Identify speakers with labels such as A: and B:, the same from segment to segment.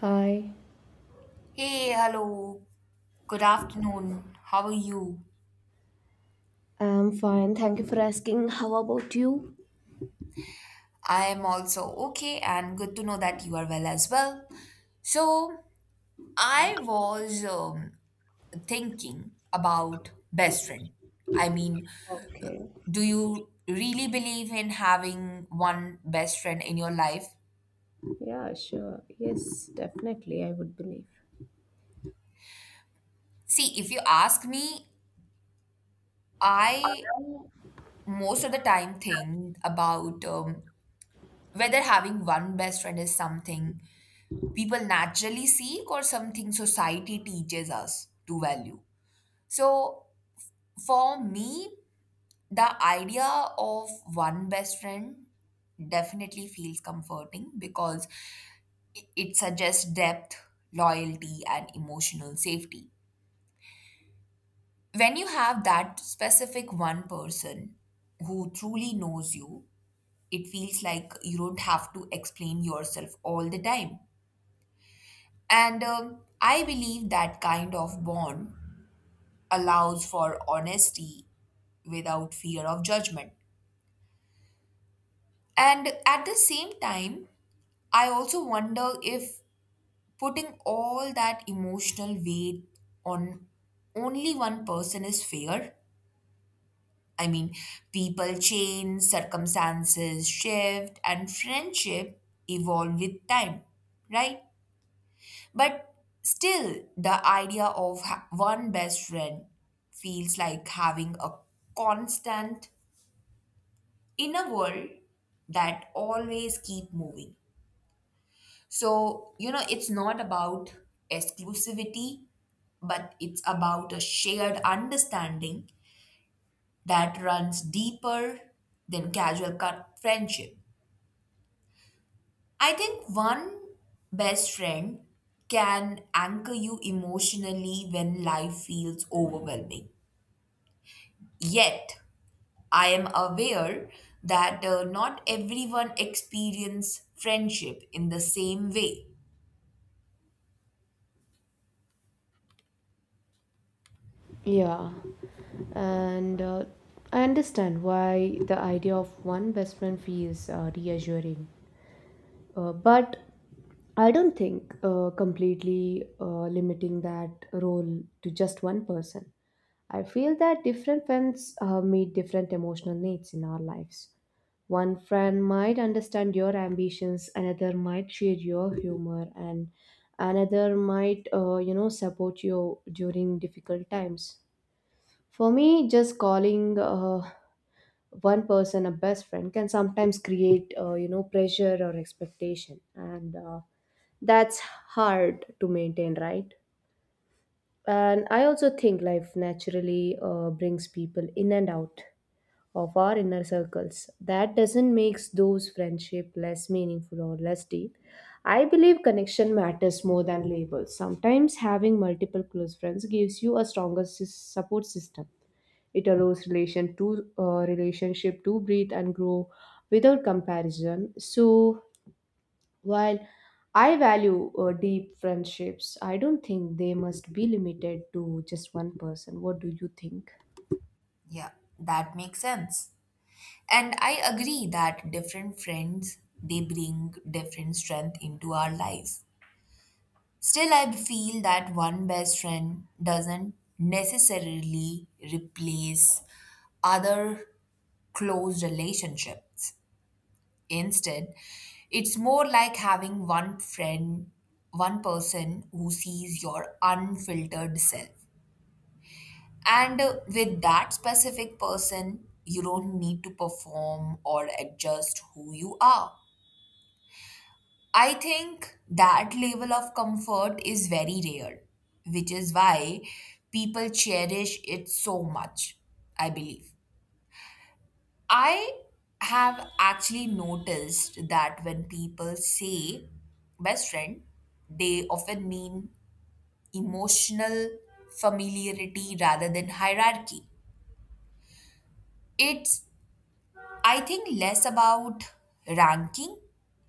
A: Hi.
B: Hey, hello. Good afternoon. How are you?
A: I'm fine. Thank you for asking. How about you?
B: I am also okay and good to know that you are well as well. So, I was thinking about best friend. I mean,
A: Okay.
B: do you really believe in having one best friend in your life?
A: Yeah, sure. Yes, definitely, I would believe.
B: See, if you ask me, I most of the time think about whether having one best friend is something people naturally seek or something society teaches us to value. So, for me, the idea of one best friend definitely feels comforting because it suggests depth, loyalty, and emotional safety. When you have that specific one person who truly knows you, it feels like you don't have to explain yourself all the time. And I believe that kind of bond allows for honesty without fear of judgment. And at the same time, I also wonder if putting all that emotional weight on only one person is fair. I mean, people change, circumstances shift, and friendship evolve with time, right? But still, the idea of one best friend feels like having a constant in a world that always keep moving, so you know it's not about exclusivity but it's about a shared understanding that runs deeper than casual friendship. I think one best friend can anchor you emotionally when life feels overwhelming, yet I am aware that not everyone experience friendship in the same way.
A: Yeah, and I understand why the idea of one best friend feels reassuring. But I don't think completely limiting that role to just one person. I feel that different friends meet different emotional needs in our lives. One friend might understand your ambitions, another might share your humor, and another might, you know, support you during difficult times. For me, just calling one person a best friend can sometimes create, you know, pressure or expectation, and that's hard to maintain, right? And I also think life naturally brings people in and out of our inner circles. That doesn't make those friendship less meaningful or less deep. I believe connection matters more than labels. Sometimes having multiple close friends gives you a stronger support system. It allows relationship to breathe and grow without comparison. So while I value deep friendships, I don't think they must be limited to just one person. What do you think?
B: Yeah, that makes sense. And I agree that different friends they bring different strength into our lives. Still I feel that one best friend doesn't necessarily replace other close relationships. Instead, it's more like having one friend, one person who sees your unfiltered self. And with that specific person, you don't need to perform or adjust who you are. I think that level of comfort is very rare, which is why people cherish it so much, I believe. I have actually noticed that when people say best friend, they often mean emotional familiarity rather than hierarchy. It's I think less about ranking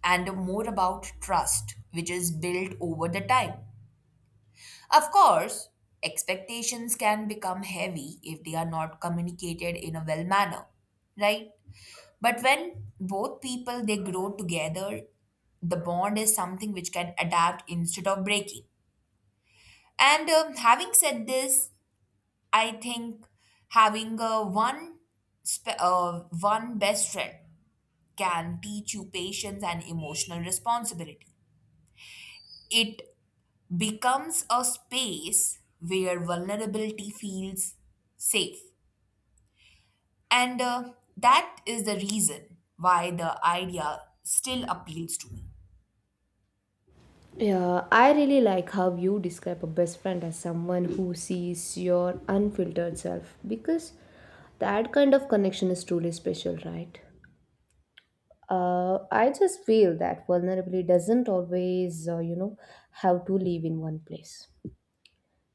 B: and more about trust, which is built over the time. Of course, expectations can become heavy if they are not communicated in a well manner, right? But when both people they grow together, the bond is something which can adapt instead of breaking. And having said this, I think having one best friend can teach you patience and emotional responsibility. It becomes a space where vulnerability feels safe. And that is the reason why the idea still appeals to me.
A: Yeah, I really like how you describe a best friend as someone who sees your unfiltered self because that kind of connection is truly special, right? I just feel that vulnerability doesn't always, you know, have to live in one place.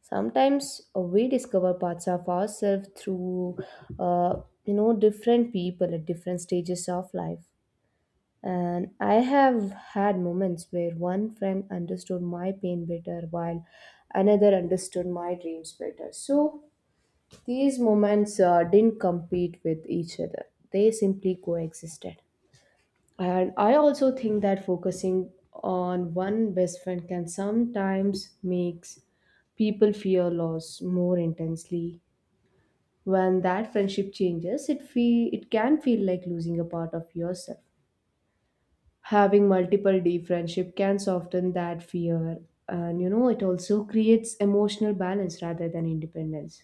A: Sometimes we discover parts of ourselves through, uh, you know, different people at different stages of life. And I have had moments where one friend understood my pain better while another understood my dreams better. So these moments didn't compete with each other, they simply coexisted. And I also think that focusing on one best friend can sometimes makes people fear loss more intensely. When that friendship changes, it can feel like losing a part of yourself. Having multiple deep friendship can soften that fear, and you know it also creates emotional balance rather than independence.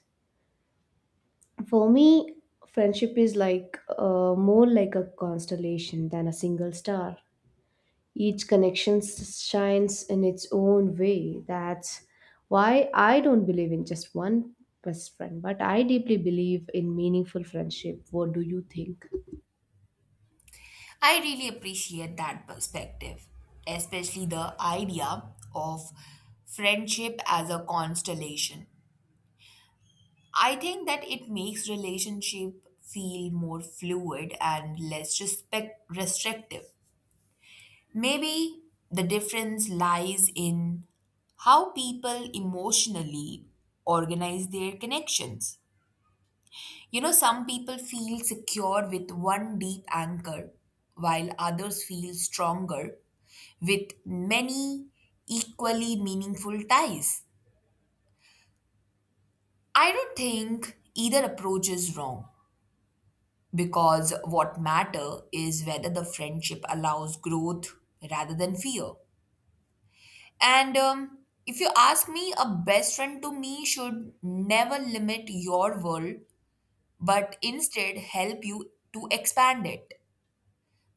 A: For me, friendship is more like a constellation than a single star. Each connection shines in its own way. That's why I don't believe in just one best friend, but I deeply believe in meaningful friendship. What do you think?
B: I really appreciate that perspective, especially the idea of friendship as a constellation. I think that it makes relationship feel more fluid and less respect restrictive. Maybe the difference lies in how people emotionally organize their connections. You know, some people feel secure with one deep anchor, while others feel stronger with many equally meaningful ties. I don't think either approach is wrong because what matter is whether the friendship allows growth rather than fear. And if you ask me, a best friend to me should never limit your world, but instead help you to expand it.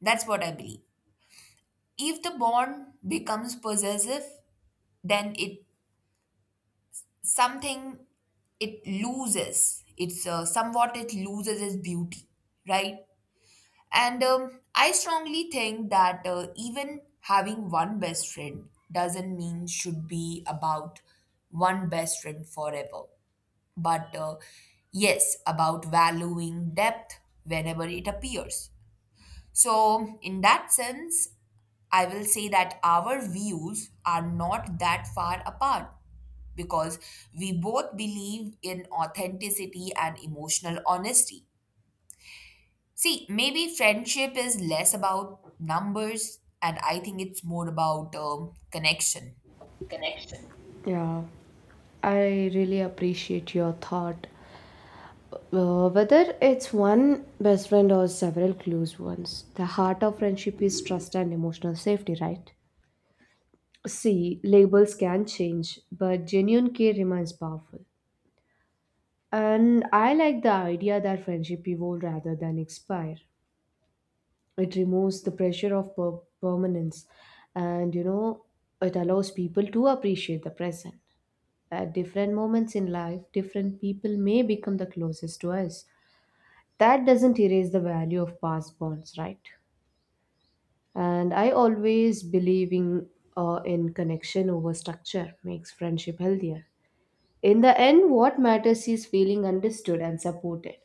B: That's what I believe. If the bond becomes possessive, then something it loses. It's somewhat it loses its beauty, right? And I strongly think that even having one best friend doesn't mean should be about one best friend forever but yes, about valuing depth whenever it appears. So, in that sense, I will say that our views are not that far apart because we both believe in authenticity and emotional honesty. See, maybe friendship is less about numbers, and I think it's more about connection.
A: Connection. Yeah, I really appreciate your thought. Whether it's one best friend or several close ones, the heart of friendship is trust and emotional safety, right? See, labels can change, but genuine care remains powerful. And I like the idea that friendship evolve rather than expire. It removes the pressure of permanence and you know it allows people to appreciate the present. At different moments in life, different people may become the closest to us. That doesn't erase the value of past bonds, right? And I always believe in connection over structure makes friendship healthier. In the end, what matters is feeling understood and supported.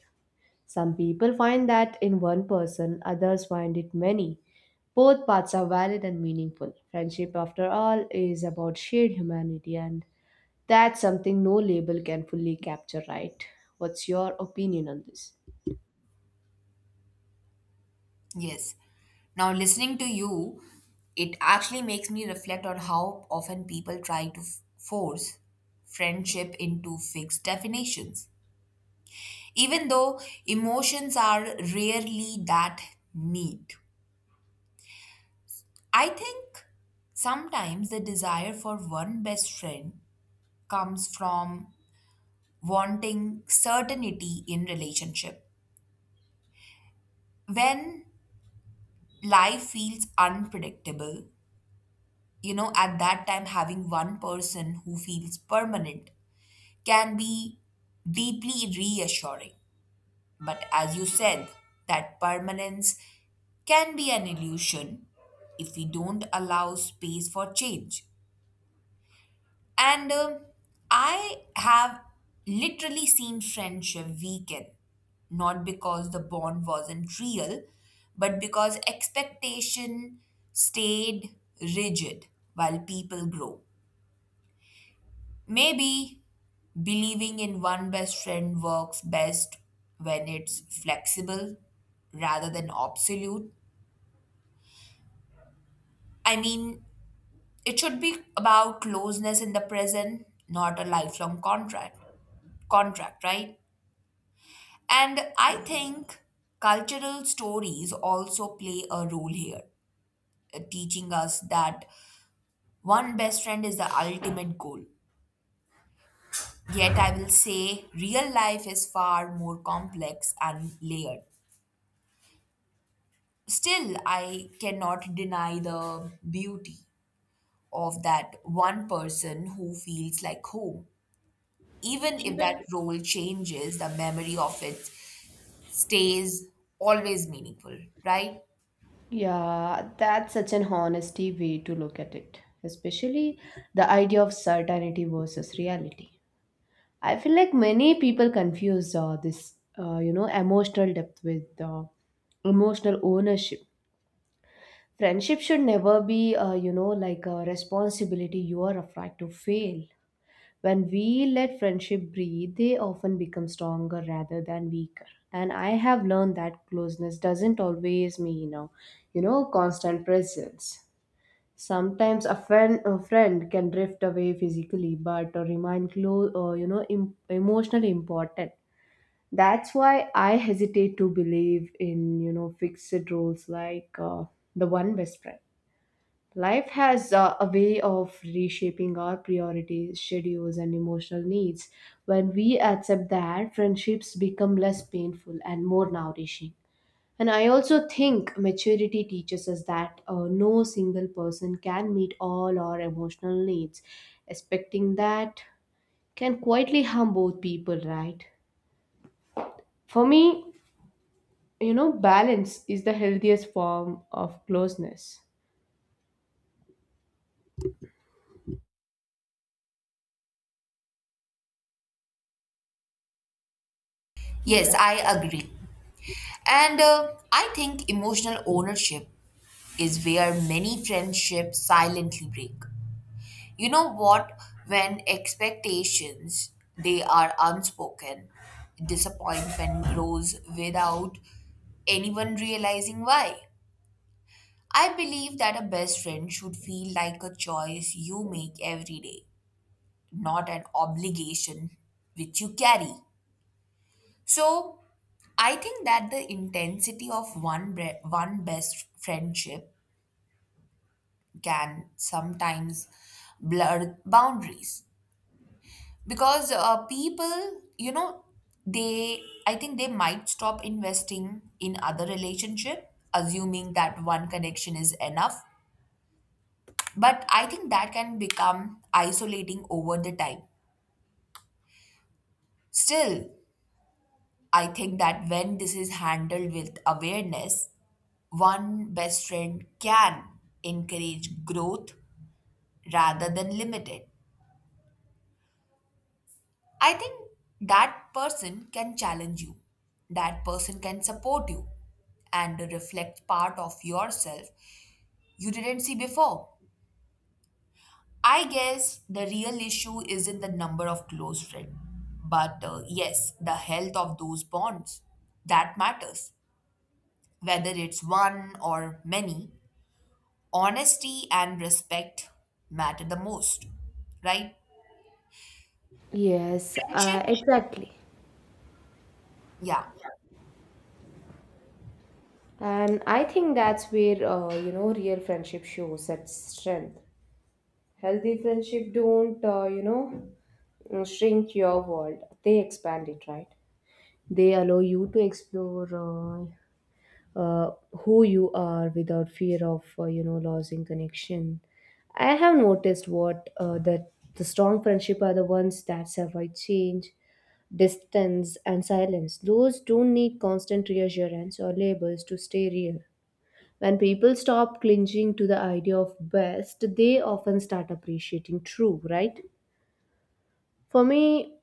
A: Some people find that in one person, others find it many. Both paths are valid and meaningful. Friendship, after all, is about shared humanity, and that's something no label can fully capture, right? What's your opinion on this?
B: Yes. Now, listening to you, it actually makes me reflect on how often people try to force friendship into fixed definitions, even though emotions are rarely that neat. I think sometimes the desire for one best friend comes from wanting certainty in relationship when life feels unpredictable. You know, at that time having one person who feels permanent can be deeply reassuring, but as you said that permanence can be an illusion if we don't allow space for change. And I have literally seen friendship weaken not because the bond wasn't real but because expectation stayed rigid while people grow. Maybe believing in one best friend works best when it's flexible rather than absolute. I mean, it should be about closeness in the present, not a lifelong contract. Contract, right? And I think cultural stories also play a role here, teaching us that one best friend is the ultimate goal. Yet I will say real life is far more complex and layered. Still, I cannot deny the beauty of that one person who feels like home, even if that
A: Even.
B: role changes, the memory of it stays always meaningful, right?
A: Yeah, that's such an honesty way to look at it, especially the idea of certainty versus reality. I feel like many people confuse this, you know, emotional depth with emotional ownership. Friendship should never be, you know, like a responsibility you are afraid to fail. When we let friendship breathe, they often become stronger rather than weaker. And I have learned that closeness doesn't always mean, you know, constant presence. Sometimes a friend can drift away physically, but remain close, you know, emotionally important. That's why I hesitate to believe in, you know, fixed rules like the one best friend. Life has a way of reshaping our priorities, schedules, and emotional needs. When we accept that, friendships become less painful and more nourishing. And I also think maturity teaches us that no single person can meet all our emotional needs. Expecting that can quietly harm both people, right? For me, you know, balance is the healthiest form of closeness.
B: Yes, yeah. I agree. And I think emotional ownership is where many friendships silently break. You know what? When expectations they are unspoken, disappointment grows without anyone realizing why. I believe that a best friend should feel like a choice you make every day, not an obligation which you carry. So, I think that the intensity of one best friendship can sometimes blur boundaries, because people you know they I think they might stop investing in other relationship assuming that one connection is enough, but I think that can become isolating over the time. Still I think that when this is handled with awareness, one best friend can encourage growth rather than limit it. I think that person can challenge you. That person can support you and reflect part of yourself you didn't see before. I guess the real issue isn't the number of close friends, but yes, the health of those bonds. That matters. Whether it's one or many, honesty and respect matter the most, right?
A: Yes,
B: Friendship?
A: exactly.
B: Yeah,
A: And I think that's where you know real friendship shows its strength. Healthy friendship don't you know shrink your world; they expand it, right? They allow you to explore who you are without fear of you know losing connection. I have noticed what that the strong friendship are the ones that survive change, distance, and silence. Those don't need constant reassurance or labels to stay real. When people stop clinging to the idea of best, they often start appreciating true, right? For me,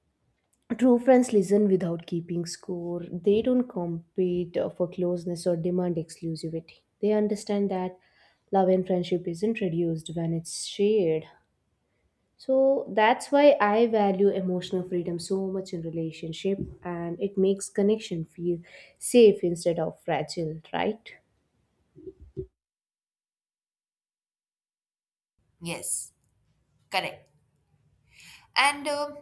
A: true friends listen without keeping score. They don't compete for closeness or demand exclusivity. They understand that love and friendship isn't reduced when it's shared. So that's why I value emotional freedom so much in relationship and it makes connection feel safe instead of fragile, right?
B: yes, correct. And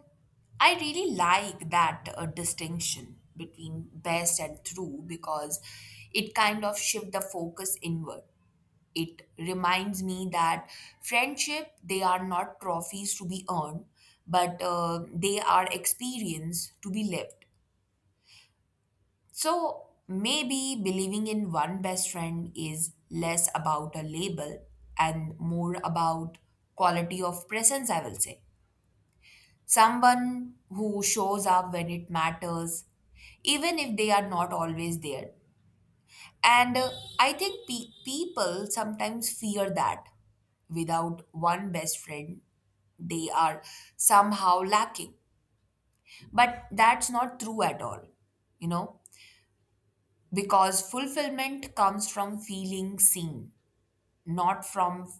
B: I really like that distinction between best and true because it kind of shift the focus inward. It reminds me that friendship they are not trophies to be earned, but they are experience to be lived. So maybe believing in one best friend is less about a label and more about quality of presence. I will say. Someone who shows up when it matters, even if they are not always there. And I think people sometimes fear that without one best friend, they are somehow lacking. But that's not true at all, you know, because fulfillment comes from feeling seen, not from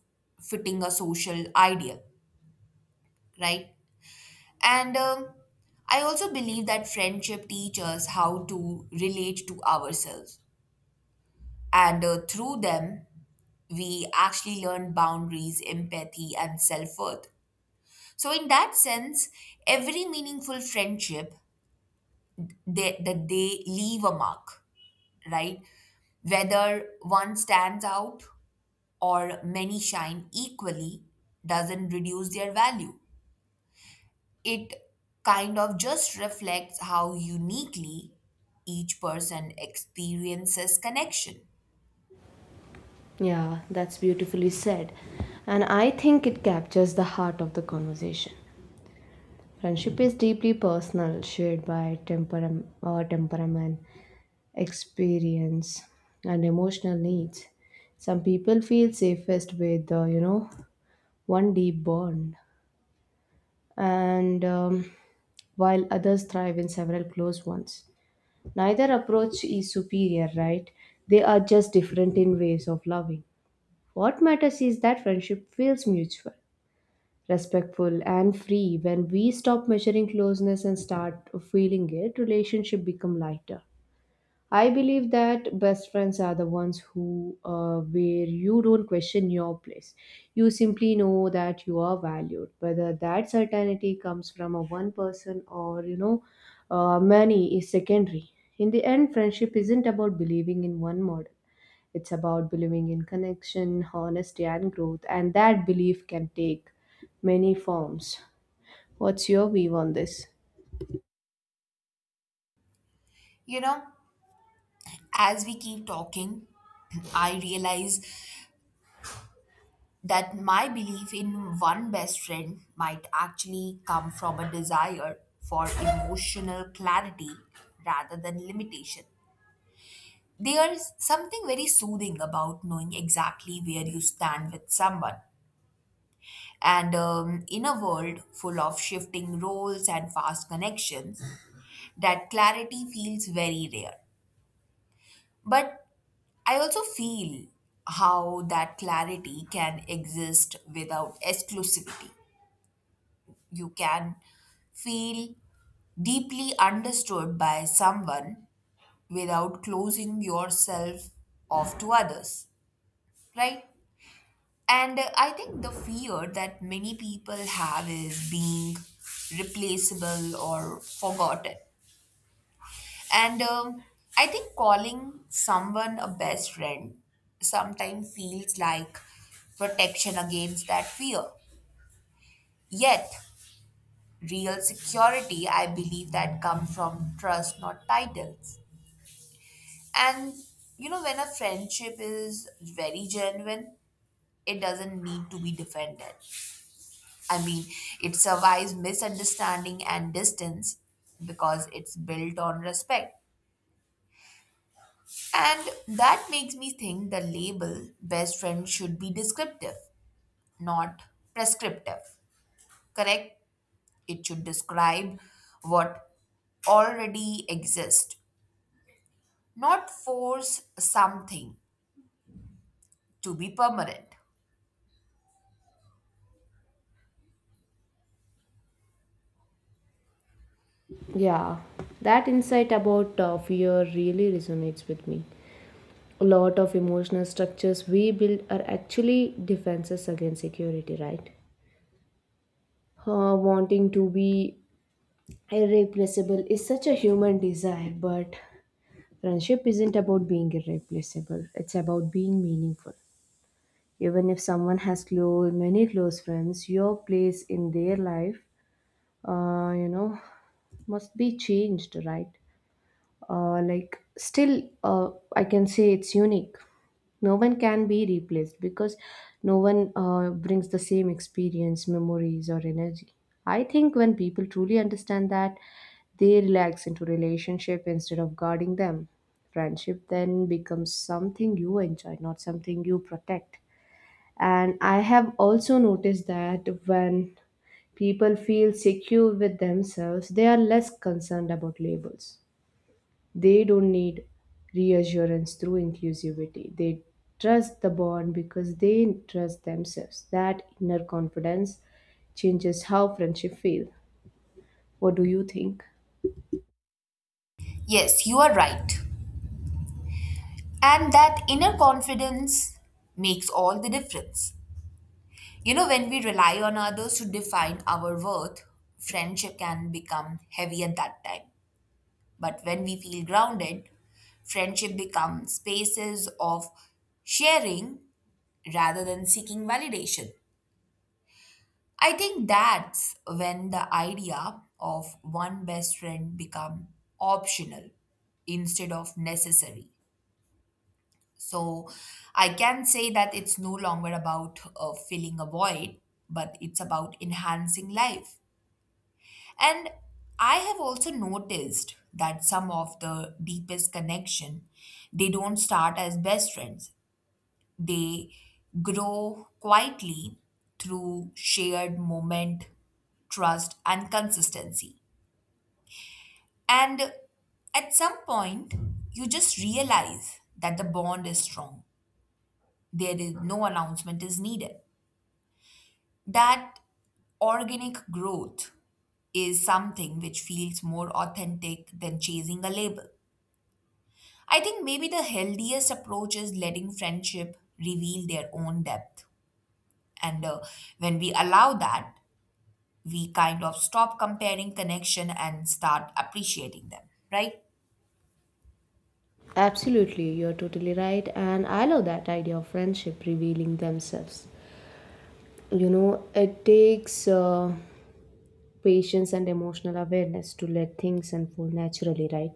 B: fitting a social ideal, right? And I also believe that friendship teaches us how to relate to ourselves. And through them, we actually learn boundaries, empathy, and self worth. So, in that sense, every meaningful friendship that they leave a mark, right? Whether one stands out or many shine equally doesn't reduce their value. It kind of just reflects how uniquely each person experiences connection.
A: Yeah, that's beautifully said. And I think it captures the heart of the conversation. Friendship is deeply personal, shared by temperam- or temperament, experience, and emotional needs. Some people feel safest with, you know, one deep bond, and while others thrive in several close ones. Neither approach is superior, right? They are just different in ways of loving. What matters is that friendship feels mutual, respectful, and free. When we stop measuring closeness and start feeling it, relationship become lighter. I believe that best friends are the ones who, where you don't question your place. You simply know that you are valued. Whether that certainty comes from a one person or you know, many is secondary. In the end, friendship isn't about believing in one model. It's about believing in connection, honesty, and growth, and that belief can take many forms. What's your view on this?
B: You know, as we keep talking, I realize that my belief in one best friend might actually come from a desire for emotional clarity rather than limitation. There's something very soothing about knowing exactly where you stand with someone. And in a world full of shifting roles and fast connections, that clarity feels very rare. But I also feel how that clarity can exist without exclusivity. You can feel deeply understood by someone without closing yourself off to others, right? And I think the fear that many people have is being replaceable or forgotten. And I think calling someone a best friend sometimes feels like protection against that fear. Yet, real security, I believe, that comes from trust, not titles. And you know, when a friendship is very genuine, it doesn't need to be defended. I mean, it survives misunderstanding and distance because it's built on respect. And that makes me think the label best friend should be descriptive, not prescriptive. Correct? It should describe what already exists, not force something to be permanent.
A: Yeah, that insight about fear really resonates with me. A lot of emotional structures we build are actually defenses against security, right? Wanting to be irreplaceable is such a human desire, but friendship isn't about being irreplaceable, it's about being meaningful. Even if someone has many close friends, your place in their life, you know, must be changed, right? Like, still, I can say it's unique. No one can be replaced because no one brings the same experience, memories, or energy. I think when people truly understand that, they relax into relationship instead of guarding them. Friendship then becomes something you enjoy, not something you protect. And I have also noticed that when people feel secure with themselves, they are less concerned about labels. They don't need reassurance through inclusivity. They trust the bond because they trust themselves. That inner confidence changes how friendship feels. What do you think?
B: Yes, you are right. And that inner confidence makes all the difference. You know, when we rely on others to define our worth, friendship can become heavy at that time. But when we feel grounded, friendship becomes spaces of sharing rather than seeking validation. I think that's when the idea of one best friend become optional instead of necessary. So I can say that it's no longer about filling a void, but it's about enhancing life. And I have also noticed that some of the deepest connection, they don't start as best friends. They grow quietly through shared moment, trust, and consistency. And at some point, you just realize that the bond is strong. There is no announcement is needed. That organic growth is something which feels more authentic than chasing a label. I think maybe the healthiest approach is letting friendship reveal their own depth. And when we allow that, we kind of stop comparing connection and start appreciating them, right?
A: Absolutely, you're totally right. And I love that idea of friendship revealing themselves. You know, it takes. Patience and emotional awareness to let things unfold naturally, right?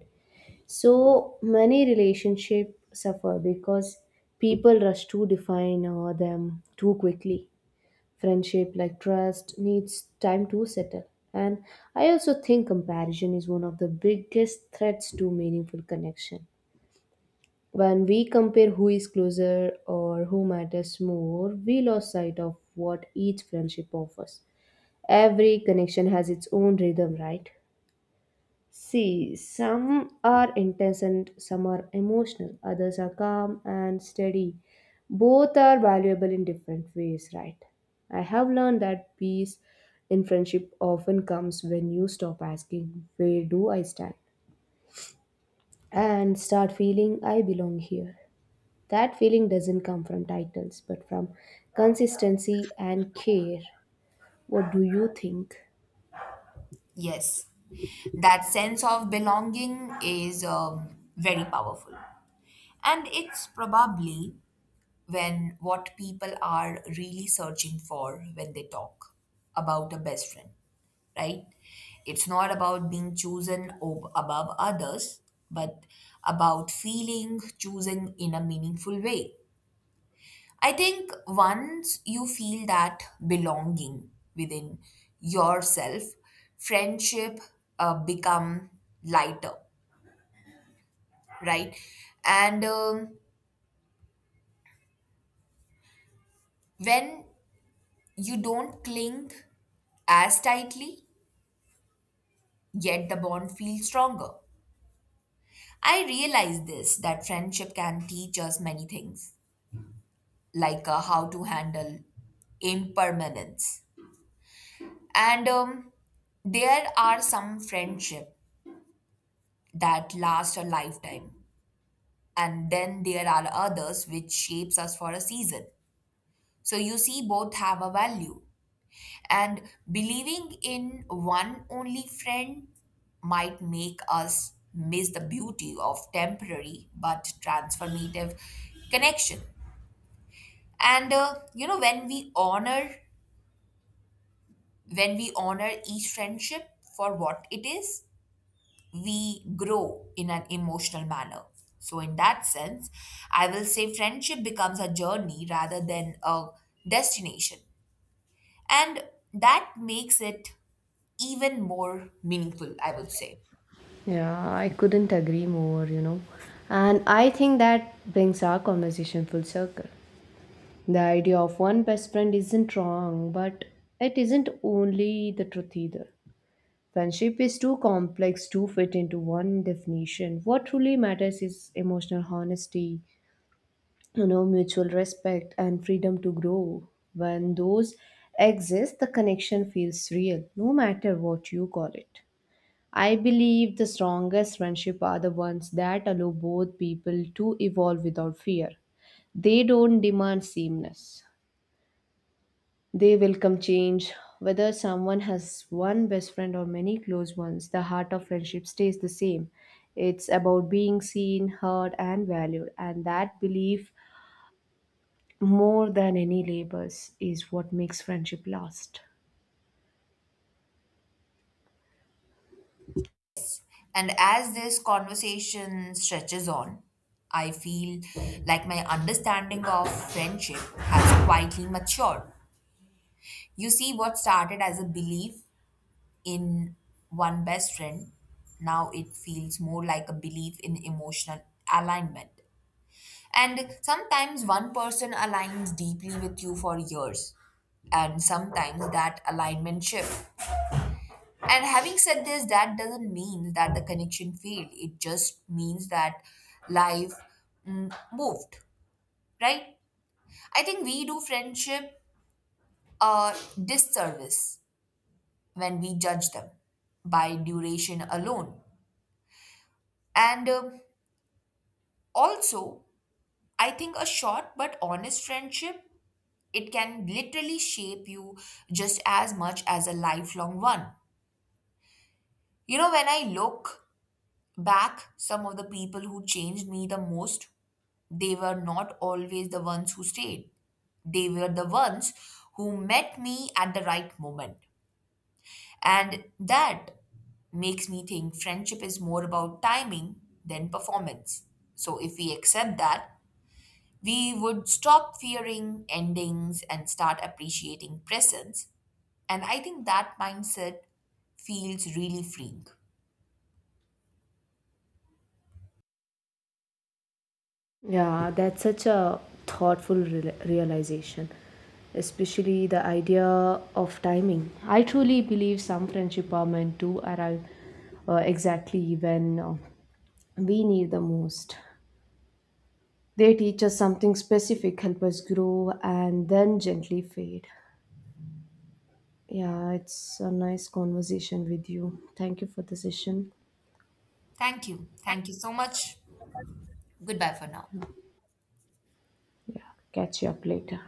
A: So many relationships suffer because people rush to define them too quickly. Friendship, like trust, needs time to settle. And I also think comparison is one of the biggest threats to meaningful connection. When we compare who is closer or who matters more, we lose sight of what each friendship offers. Every connection has its own rhythm, right? See, some are intense and some are emotional, others are calm and steady. Both are valuable in different ways, right? I have learned that peace in friendship often comes when you stop asking, "Where do I stand?" and start feeling "I belong here." That feeling doesn't come from titles but from consistency and care. What do you think?
B: Yes. That sense of belonging is very powerful. And it's probably when what people are really searching for when they talk about a best friend. Right? It's not about being above others, but about feeling chosen in a meaningful way. I think once you feel that belonging within yourself, friendship become lighter, right? And when you don't cling as tightly, yet the bond feels stronger. I realize this that friendship can teach us many things like how to handle impermanence. And there are some friendship that last a lifetime, and then there are others which shapes us for a season. So you see, both have a value, and believing in one only friend might make us miss the beauty of temporary but transformative connection. And you know, when we honor each friendship for what it is, we grow in an emotional manner. So, in that sense, I will say friendship becomes a journey rather than a destination. And that makes it even more meaningful, I would say.
A: Yeah, I couldn't agree more, you know. And I think that brings our conversation full circle. The idea of one best friend isn't wrong, but it isn't only the truth either. Friendship is too complex to fit into one definition. What truly matters is emotional honesty, you know, mutual respect, and freedom to grow. When those exist, the connection feels real, no matter what you call it. I believe the strongest friendship are the ones that allow both people to evolve without fear. They don't demand sameness. They welcome change. Whether someone has one best friend or many close ones, the heart of friendship stays the same. It's about being seen, heard, and valued, and that belief, more than any labels, is what makes friendship last.
B: And as this conversation stretches on, I feel like my understanding of friendship has quietly matured. You see, what started as a belief in one best friend, now it feels more like a belief in emotional alignment. And sometimes one person aligns deeply with you for years, and sometimes that alignment shifts. And having said this, that doesn't mean that the connection failed, it just means that life moved, right? I think we do friendship a disservice when we judge them by duration alone. And also, I think a short but honest friendship it can literally shape you just as much as a lifelong one. You know, when I look back, some of the people who changed me the most, they were not always the ones who stayed. They were the ones who met me at the right moment. And that makes me think friendship is more about timing than performance. So if we accept that, we would stop fearing endings and start appreciating presence. And I think that mindset feels really freeing.
A: Yeah, that's such a thoughtful realization, especially the idea of timing. I truly believe some friendship are meant to arrive exactly when we need the most. They teach us something specific, help us grow, and then gently fade. Yeah, it's a nice conversation with you. Thank you for the session.
B: Thank you. Thank you so much. Goodbye for now.
A: Yeah, catch you up later.